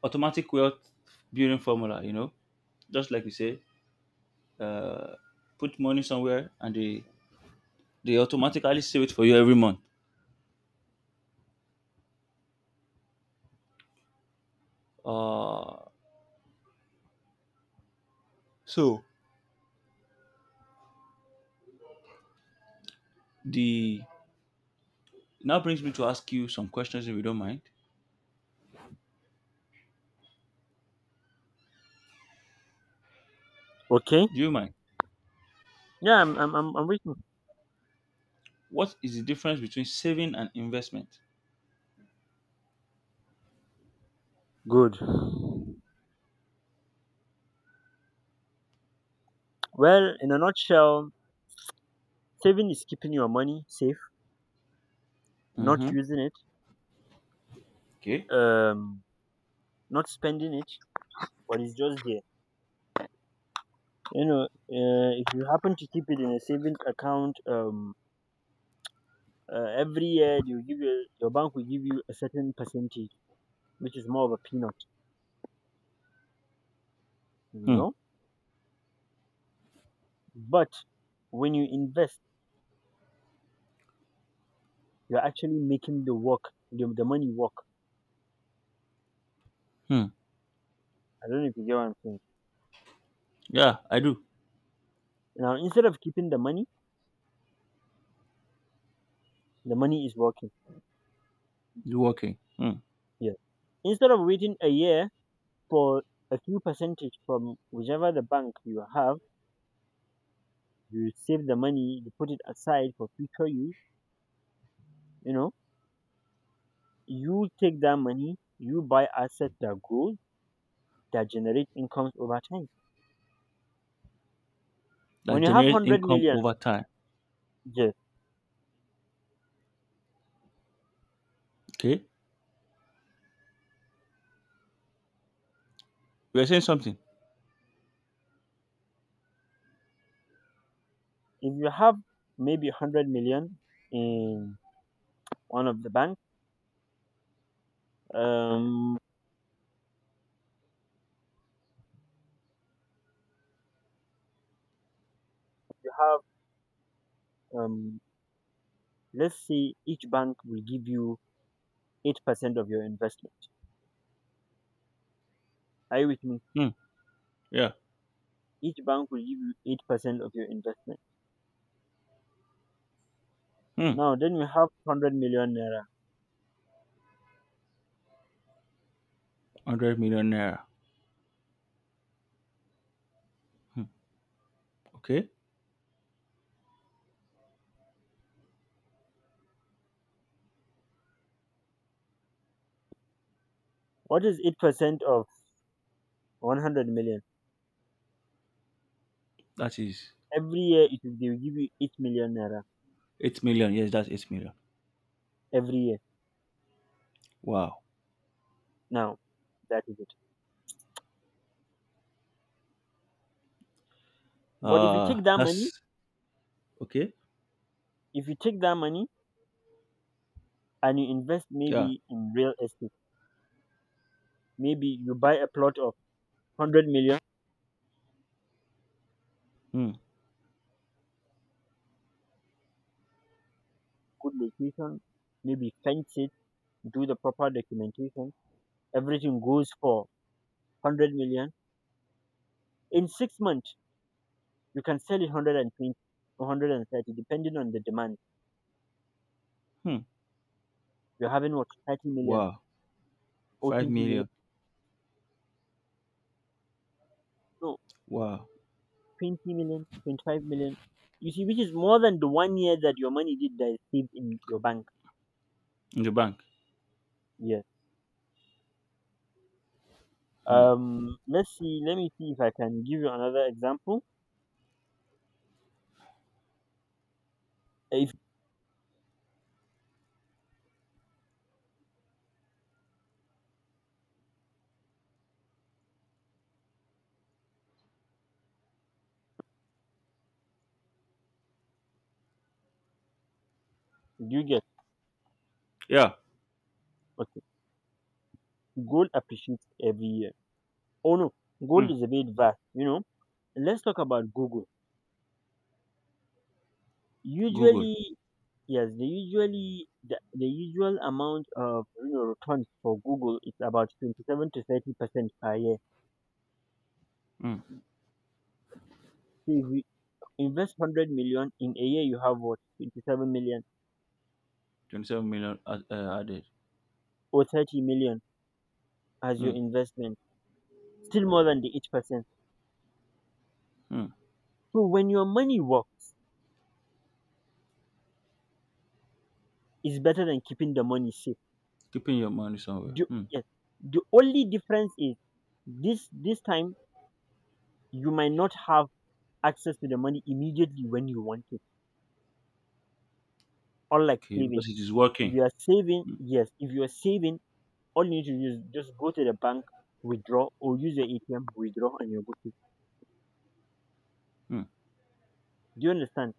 Automatic wealth building formula. You know, just like you say, uh, put money somewhere and they they automatically save it for you every month. Uh, so the now brings me to ask you some questions if you don't mind.
Okay.
Do you mind?
Yeah, I'm, I'm, I'm, I'm waiting.
What is the difference between saving and investment?
Good. Well, in a nutshell, saving is keeping your money safe, not
Mm-hmm.
using it,
Okay.
um, not spending it, but it's just there. You know, uh, if you happen to keep it in a savings account, um, uh, every year, you give your, your bank will give you a certain percentage, which is more of a peanut. You
Hmm.
know, but when you invest, you're actually making the work, the, the money work.
Hmm.
I don't know if you get what I'm saying.
Yeah, I do.
Now, instead of keeping the money, the money is working.
You working? Hmm.
Yes. Instead of waiting a year for a few percentage from whichever the bank you have, you save the money, you put it aside for future use, you know, you take that money, you buy assets that grow, that generate incomes over time.
That
When you have
generates
one hundred
income
million,
over time.
yes,
Okay. You are saying something.
if you have maybe one hundred million in one of the banks, um, you have um, let's say each bank will give you eight percent of your investment. Are you with me?
Hmm. Yeah.
Each bank will give you eight percent of your investment.
Hmm.
Now, then you have one hundred million naira.
Hundred million naira. Hmm. Okay.
What is eight percent of one hundred million?
That is
Every year, it will, they will give you eight million naira
eight million. Yes, that's eight million.
every year.
Wow.
Now, that is it. But if you
Uh,
take that money,
that's okay.
if you take that money and you invest
Yeah.
maybe in real estate, maybe you buy a plot of one hundred million,
Hmm.
good location, maybe fence it, do the proper documentation, everything goes for one hundred million in six months. You can sell it one hundred and twenty, one hundred and thirty, depending on the demand.
Hmm.
You're having what, thirty million
Wow.
or
five
twenty million,
million.
no,
Wow.
twenty million, twenty-five million. You see, which is more than the one year that your money did that is saved in your bank.
In the bank.
Yeah.
Hmm.
um let's see let me see if I can give you another example. If you get,
Yeah.
okay, gold appreciates every year. Oh no, gold
Hmm.
is a bit vast, you know let's talk about Google.
Google.
Usually, yes, the usually the, the usual amount of, you know, returns for Google is about twenty-seven to thirty percent per year.
Hmm.
So if you invest one hundred million in a year, you have what, twenty-seven million
twenty-seven million ad- uh, added.
or thirty million, as
Hmm.
your investment, still more than the eight percent.
Hmm.
So when your money works, it's better than keeping the money safe.
Keeping your money somewhere.
The,
Hmm.
yes, the only difference is, this this time you might not have access to the money immediately when you want it, unlike
Okay.
saving.
Because it is
If
working.
you are saving, yes, if you are saving all you need to do is just go to the bank, withdraw, or use your A T M, withdraw, and you're good to.
Hmm.
Do you understand?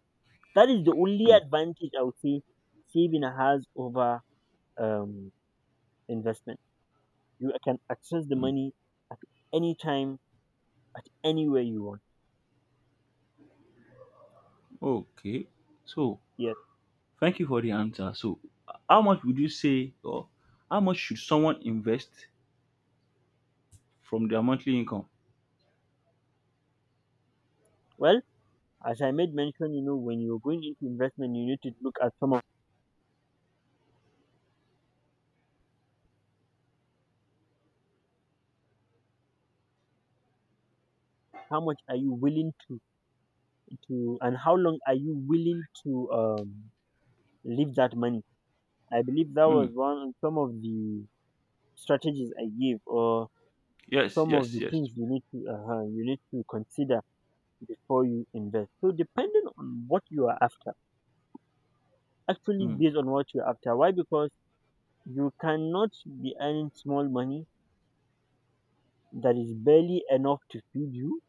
That is the only
Hmm.
advantage, I would say, saving has over um, investment. You can access the
Hmm.
money at any time, at anywhere you want.
Okay. So,
Yes.
thank you for the answer. So, h- how much would you say, or how much should someone invest from their monthly income?
Well, as I made mention, you know, when you're going into investment, you need to look at some of, how much are you willing to to and how long are you willing to, um, leave that money. I believe that
Hmm.
was one some of the strategies I gave, or
Yes,
some of
yes,
the
yes.
things you need to uh you need to consider before you invest. So depending on what you are after, actually
Hmm.
based on what you're after. Why? Because you cannot be earning small money that is barely enough to feed you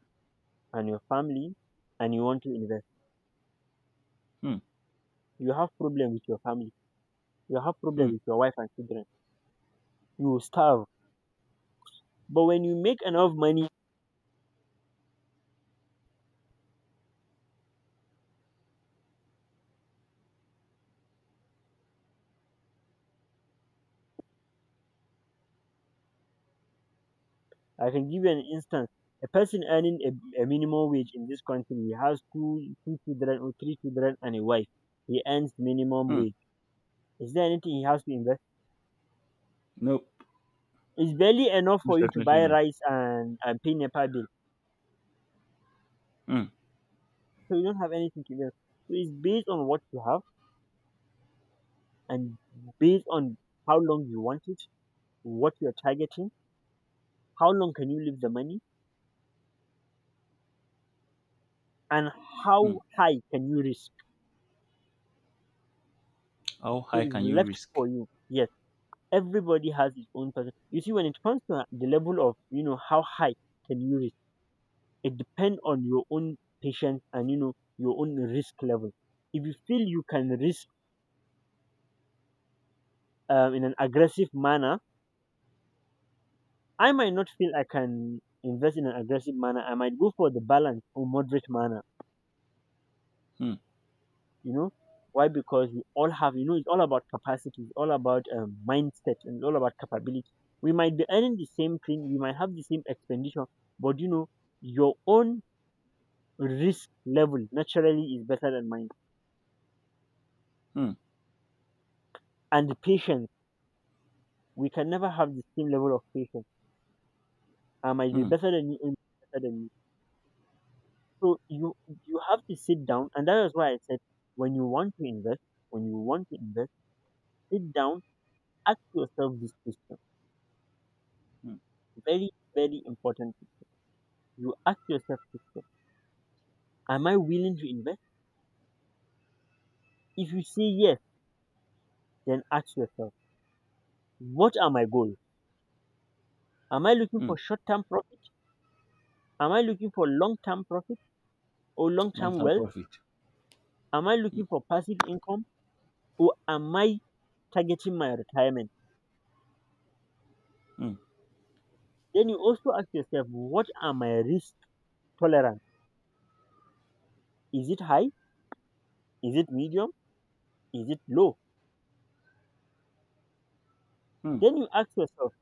and your family, and you want to invest.
Hmm.
You have problem with your family. You have problem
Hmm.
with your wife and children. You will starve. But when you make enough money, I can give you an instance. A person earning a, a minimum wage in this country, he has two, two children or three children and a wife. He earns minimum
Hmm.
wage. Is there anything he has to invest?
Nope.
It's barely enough
Most
for you to
definitely
buy
not.
rice, and, and pay NEPA bill.
Hmm.
So you don't have anything to invest. So it's based on what you have, and based on how long you want it, what you're targeting, how long can you leave the money, and
Hmm.
how high can you risk.
How
So
high
it's
can you
left
risk?
for you. Yes, everybody has his own person. You see, when it comes to the level of, you know how high can you risk, it depends on your own patience, and, you know your own risk level. If you feel you can risk, um, in an aggressive manner, I might not feel I can invest in an aggressive manner. I might go for the balance or moderate manner.
Hmm,
You know why? Because we all have, you know it's all about capacity, it's all about, um, mindset, and it's all about capability. We might be earning the same thing, we might have the same expenditure, but, you know your own risk level naturally is better than mine.
hmm,
And patience, we can never have the same level of patience. I might be
hmm,
better than you, and better than you. So you you have to sit down, and that is why I said, when you want to invest, when you want to invest, sit down, ask yourself this question.
hmm,
Very, very important. You ask yourself this question: am I willing to invest? If you say yes, then ask yourself, what are my goals? Am I looking
hmm.
for short term profit? Am I looking for long term profit or long
Long
term
term
wealth?
profit.
Am I looking for passive income, or am I targeting my retirement?
Hmm,
Then you also ask yourself, what are my risk tolerance? Is it high? Is it medium? Is it low?
hmm,
Then you ask yourself,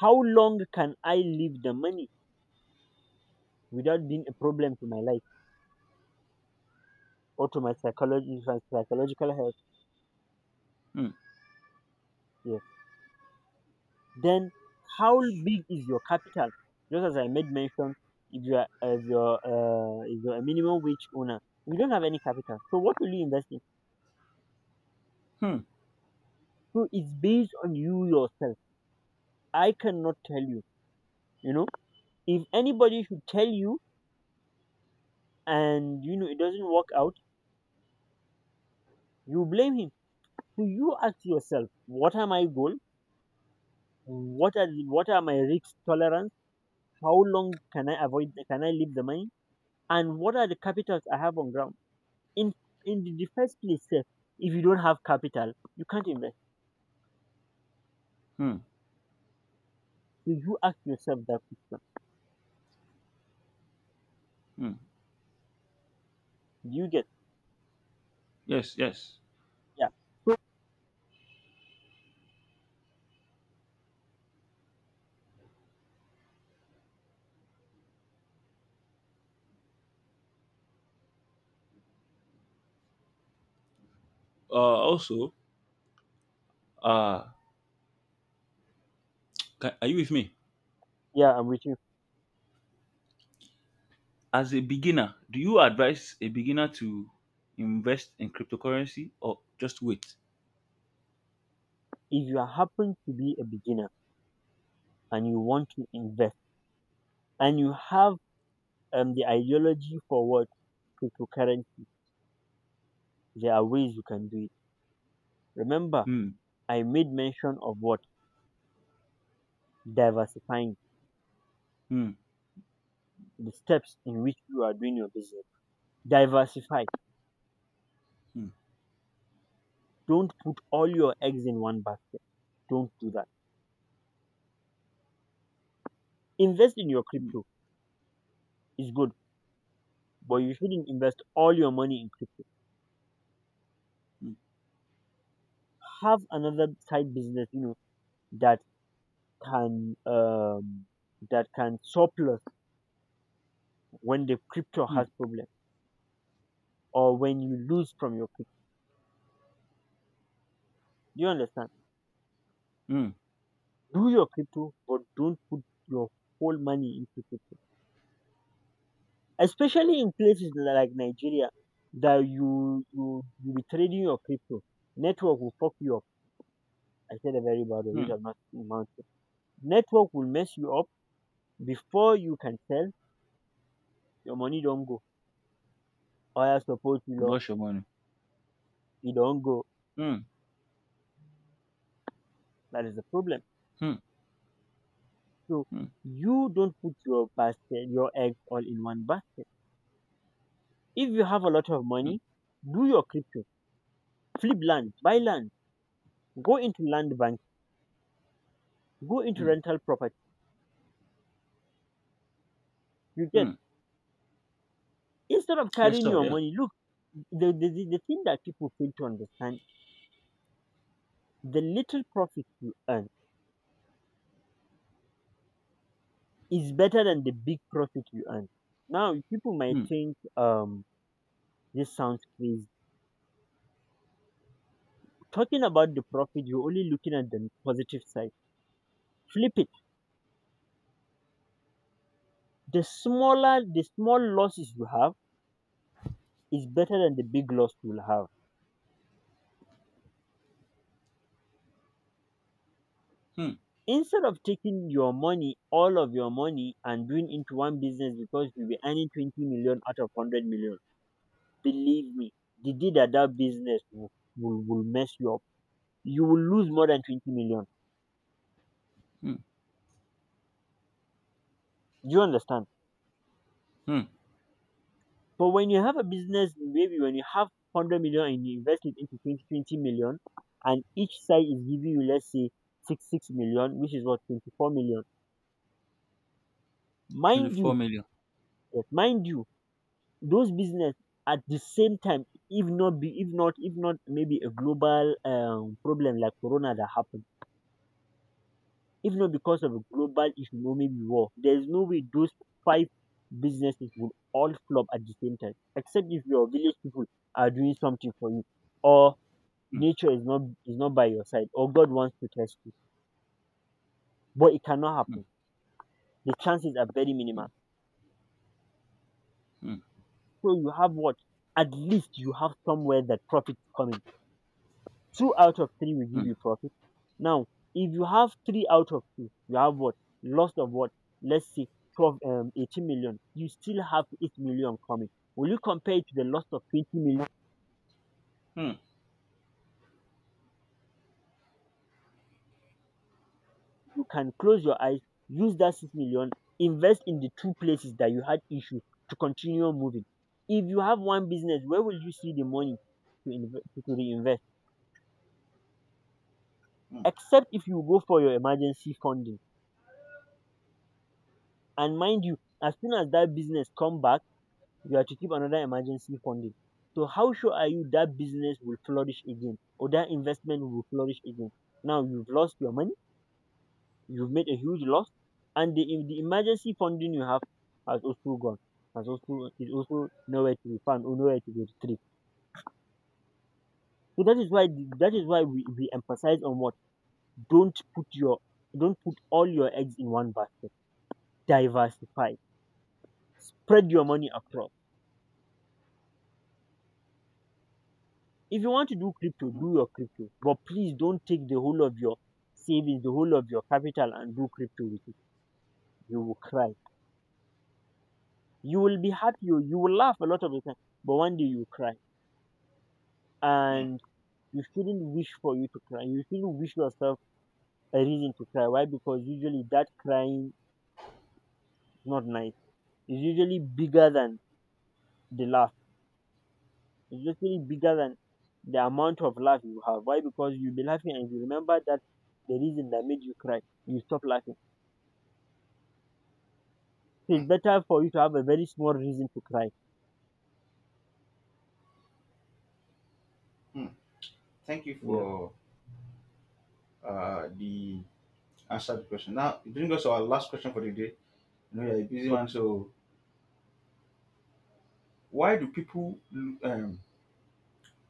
how long can I leave the money without being a problem to my life or to my psychology, my psychological health?
hmm,
Yeah. Then, how big is your capital? Just as I made mention, if you are if you're, uh, if you're a minimum wage owner, you don't have any capital. So what will you invest in?
hmm,
So it's based on you yourself. I cannot tell you. You know, if anybody should tell you and, you know it doesn't work out, you blame him. So you ask yourself, what are my goal? What are what are my risk tolerance? How long can I avoid? Can I leave the money? And what are the capitals I have on ground? In in the first place, sir, if you don't have capital, you can't invest.
hmm,
So you ask yourself that question.
hmm.
Do you get?
Yes, yes.
Yeah. So
Uh, also, uh, can, are you with me?
yeah, I'm with you.
As a beginner, do you advise a beginner to invest in cryptocurrency or just wait?
If you happen to be a beginner and you want to invest and you have, um, the ideology for what cryptocurrency, there are ways you can do it. Remember,
Hmm,
I made mention of what, diversifying
hmm,
the steps in which you are doing your business. Diversify.
hmm,
Don't put all your eggs in one basket. Don't do that. Invest in your
hmm,
crypto. It's good, but you shouldn't invest all your money in crypto.
hmm,
Have another side business, you know, that can um, that can surplus when the crypto
hmm,
has problem, or when you lose from your crypto. Do you understand?
hmm,
Do your crypto, but don't put your whole money into crypto. Especially in places like Nigeria, that you you you be trading your crypto, network will fuck you up. I said a very bad word, which
hmm.
I'm not amount to. Network will mess you up before you can sell. Your money don't go, or I suppose you know
Blush your money.
it don't go.
Hmm,
That is the problem.
hmm,
So
hmm,
you don't put your basket, your eggs all in one basket. If you have a lot of
hmm,
money, do your crypto, flip land, buy land, go into land bank. Go into
hmm,
rental property. You get?
hmm.
Instead of
Yes,
carrying
sir.
your
Yeah.
money, look, the, the, the, the thing that people fail to understand, the little profit you earn is better than the big profit you earn. Now, people might
Hmm,
think, um this sounds crazy. Talking about the profit, you're only looking at the positive side. Flip it. The smaller the small losses you have is better than the big loss you'll have,
hmm,
instead of taking your money, all of your money, and doing into one business. Because you'll be earning twenty million out of one hundred million, believe me, the day that that business will, will, will mess you up, you will lose more than twenty million.
hmm,
Do you understand?
hmm.
But when you have a business, maybe when you have one hundred million and you invest it into twenty twenty million, and each side is giving you, let's say, six six million, which is what, twenty-four million. Mind
twenty-four
you,
million.
yes, mind you, those business at the same time, if not be, if not, if not maybe a global, um, problem like Corona that happened. If not because of a global economic war, there's no way those five businesses will all flop at the same time. Except if your village people are doing something for you, or
Hmm.
nature is not is not by your side, or God wants to test you. But it cannot
Mm,
happen. The chances are very minimal.
mm,
So you have what? At least you have somewhere that profit is coming. Two out of three will give
mm,
you profit. Now, if you have three out of two, you have what? Loss of what? Let's say twelve, um, eighteen million. You still have eight million coming. Will you compare it to the loss of twenty million?
mm.
You can close your eyes, use that six million, invest in the two places that you had issues, to continue moving. If you have one business, where will you see the money to, inve- to reinvest? Except if you go for your emergency funding. And mind you, as soon as that business come back, you are to keep another emergency funding. So how sure are you that business will flourish again, or that investment will flourish again? Now you've lost your money, you've made a huge loss, and the, the emergency funding you have has also gone, has also is also nowhere to be found or nowhere to be retrieved. So that is why the- that is why we, we emphasize on what, don't put your don't put all your eggs in one basket. Diversify, spread your money across. If you want to do crypto, do your crypto, but please don't take the whole of your savings, the whole of your capital, and do crypto with it. You will cry. You will be happy. You, you will laugh a lot of the time, but one day you will cry. And you shouldn't wish for you to cry. You shouldn't wish yourself a reason to cry. Why? Because usually that crying is not nice. It's usually bigger than the laugh. It's usually bigger than the amount of laugh you have. Why? Because you'll be laughing and you remember that the reason that made you cry. You stop laughing. It's better for you to have a very small reason to cry.
Hmm. Thank you
Yeah.
for uh, the answered question. Now, it brings us to our last question for the day. I know you're a busy
But
man, so why do people um,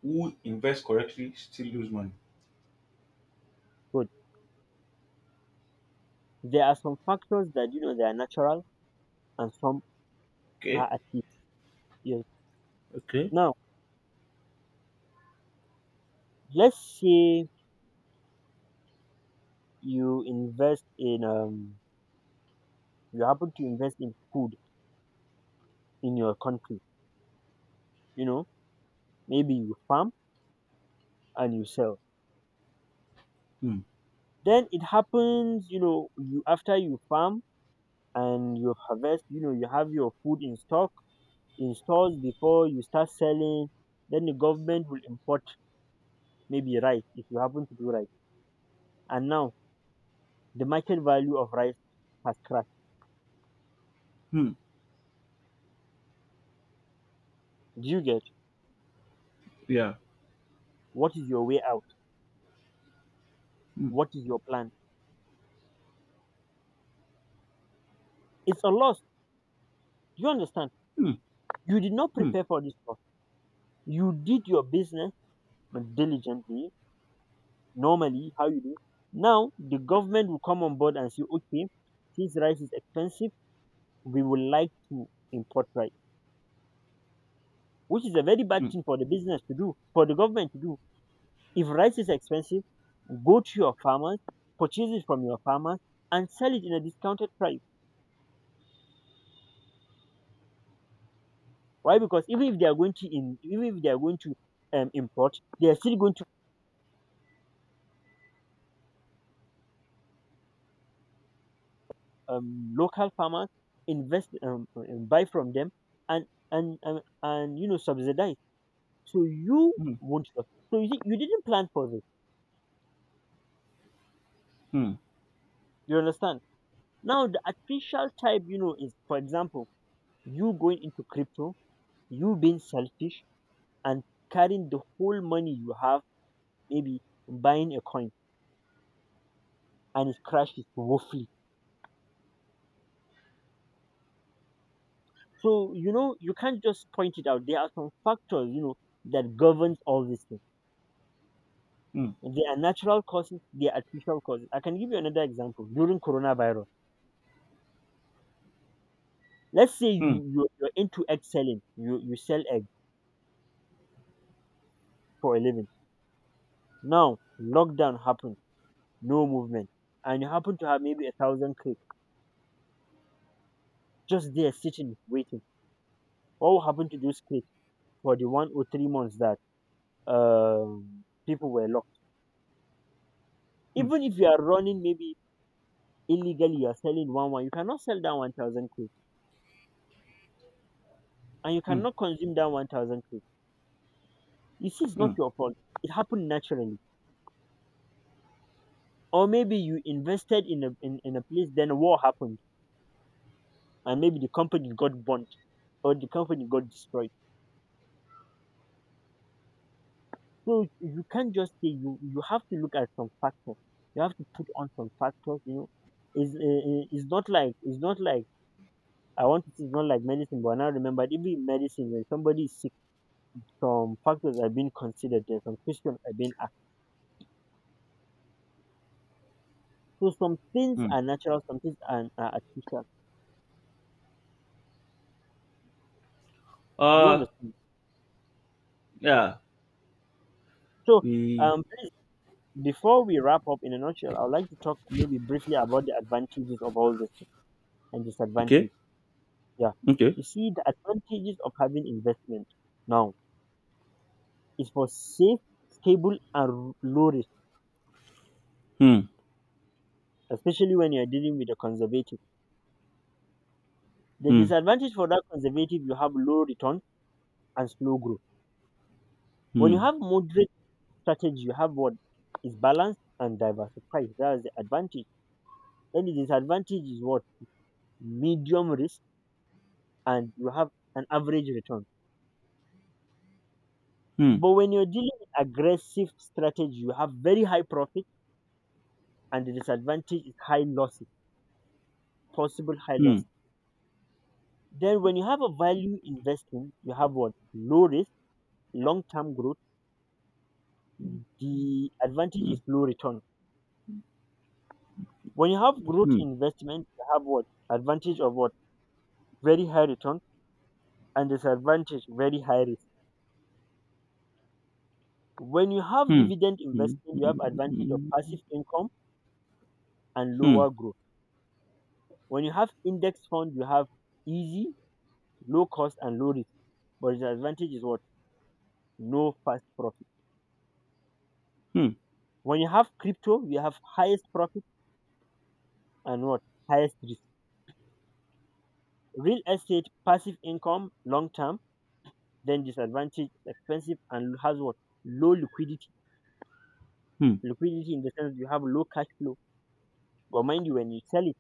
who invest correctly still lose money?
good. There are some factors that you know they are natural and some
Okay.
are artificial. Yes.
Okay.
Now, let's say you invest in um you happen to invest in food in your country. You know, maybe you farm and you sell.
Mm,
Then it happens, you know, you after you farm and you harvest, you know, you have your food in stock in stores before you start selling. Then the government will import maybe rice if you happen to do rice. And now the market value of rice has crashed.
mm,
Do you get
yeah.
what is your way out?
Mm,
What is your plan? It's a loss. Do you understand?
mm,
You did not
mm,
prepare for this loss. You did your business diligently, normally, how you do. Now the government will come on board and say, okay, since rice is expensive, we would like to import rice, which is a very bad
mm,
thing for the business to do, for the government to do. If rice is expensive, go to your farmers, purchase it from your farmers, and sell it in a discounted price. Why? Because even if they are going to in, even if they are going to um, import, they are still going to um, local farmers invest um, and buy from them and and and, and you know subsidize. So you
mm,
won't lose. So you, see, you didn't plan for this.
mm,
You understand? Now the artificial type, you know, is for example you going into crypto, you being selfish and carrying the whole money you have, maybe buying a coin and it crashes woefully. So you know you can't just point it out. There are some factors you know that governs all these things.
mm,
They are natural causes. They are artificial causes. I can give you another example during coronavirus. Let's say
mm,
you you you're into egg selling. You you sell egg for a living. Now lockdown happened. No movement, and you happen to have maybe a thousand clicks just there sitting waiting. What will happen to those clicks for the one or three months that um people were locked?
mm,
Even if you are running maybe illegally, you are selling one one. You cannot sell down one thousand and you
mm,
cannot consume that one thousand k. You see, it's not
mm,
your fault. It happened naturally, or maybe you invested in a in, in a place, then a war happened and maybe the company got burnt or the company got destroyed. So you can't just say, you you have to look at some factors. You have to put on some factors, you know. It's, uh, it's not like, it's not like I want to say, it's not like medicine. But now remember, even in medicine when somebody is sick, some factors are being considered there, some questions are being asked. So some things
mm.
are natural, some things are, are artificial. Do you
Uh,
understand?
yeah.
So,
We
um, before we wrap up, in a nutshell, I would like to talk maybe briefly about the advantages of all this and
okay.
disadvantage. Yeah,
Okay.
you see, the advantages of having investment now is for safe, stable, and low risk,
Hmm.
especially when you are dealing with the conservative. The
Hmm.
disadvantage for that conservative, you have low return and slow growth. When
Hmm.
you have moderate strategy, you have what is balanced and diversified. That is the advantage. Then the disadvantage is what? Medium risk, and you have an average return.
Hmm.
But when you're dealing with aggressive strategy, you have very high profit, and the disadvantage is high losses, possible high
Hmm.
loss. Then when you have a value investing, you have what? Low risk, long term growth. The advantage
Hmm.
is low return. When you have growth
Hmm.
investment, you have what? Advantage of what? Very high return and disadvantage very high risk. When you have
Hmm.
dividend
Hmm.
investment, you have advantage of
Hmm.
passive income and
Hmm.
lower growth. When you have index fund, you have easy, low cost, and low risk. But the advantage is what? No fast profit.
Hmm.
When you have crypto, you have highest profit and what? Highest risk. Real estate, passive income, long term, then disadvantage, expensive, and has what? Low liquidity.
Hmm.
Liquidity in the sense you have low cash flow. But mind you, when you sell it,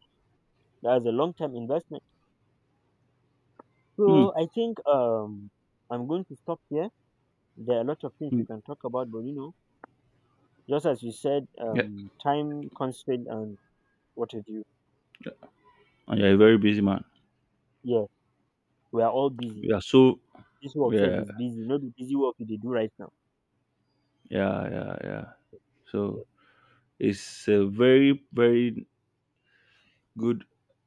that's a long term investment.
Hmm.
So I think um I'm going to stop here. There are a lot of things
Hmm.
we can talk about, but you know, just as you said,
Yeah.
um, time constraint and what have you.
And you're a very busy man.
Yeah, we are all busy.
You are so,
This work self
yeah,
is busy. Not the busy work you dey do right now.
yeah, yeah, yeah. So it's a very, very good.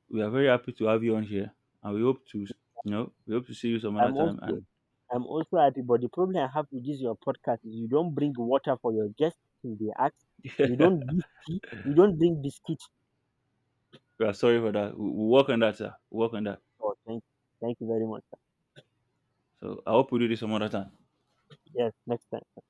We are very happy to have you on here, and we hope to, you know, we hope to see you some other
I'm
time.
also
And
I'm also happy, but the problem I have with this your podcast is you don't bring water for your guests till they ask. You don't give tea. You don't bring biscuits.
we are sorry for that. We we work on that, sir. We work on that.
Oh, thank, thank you very much, sir.
So I hope we do this some other time.
Yes, next time.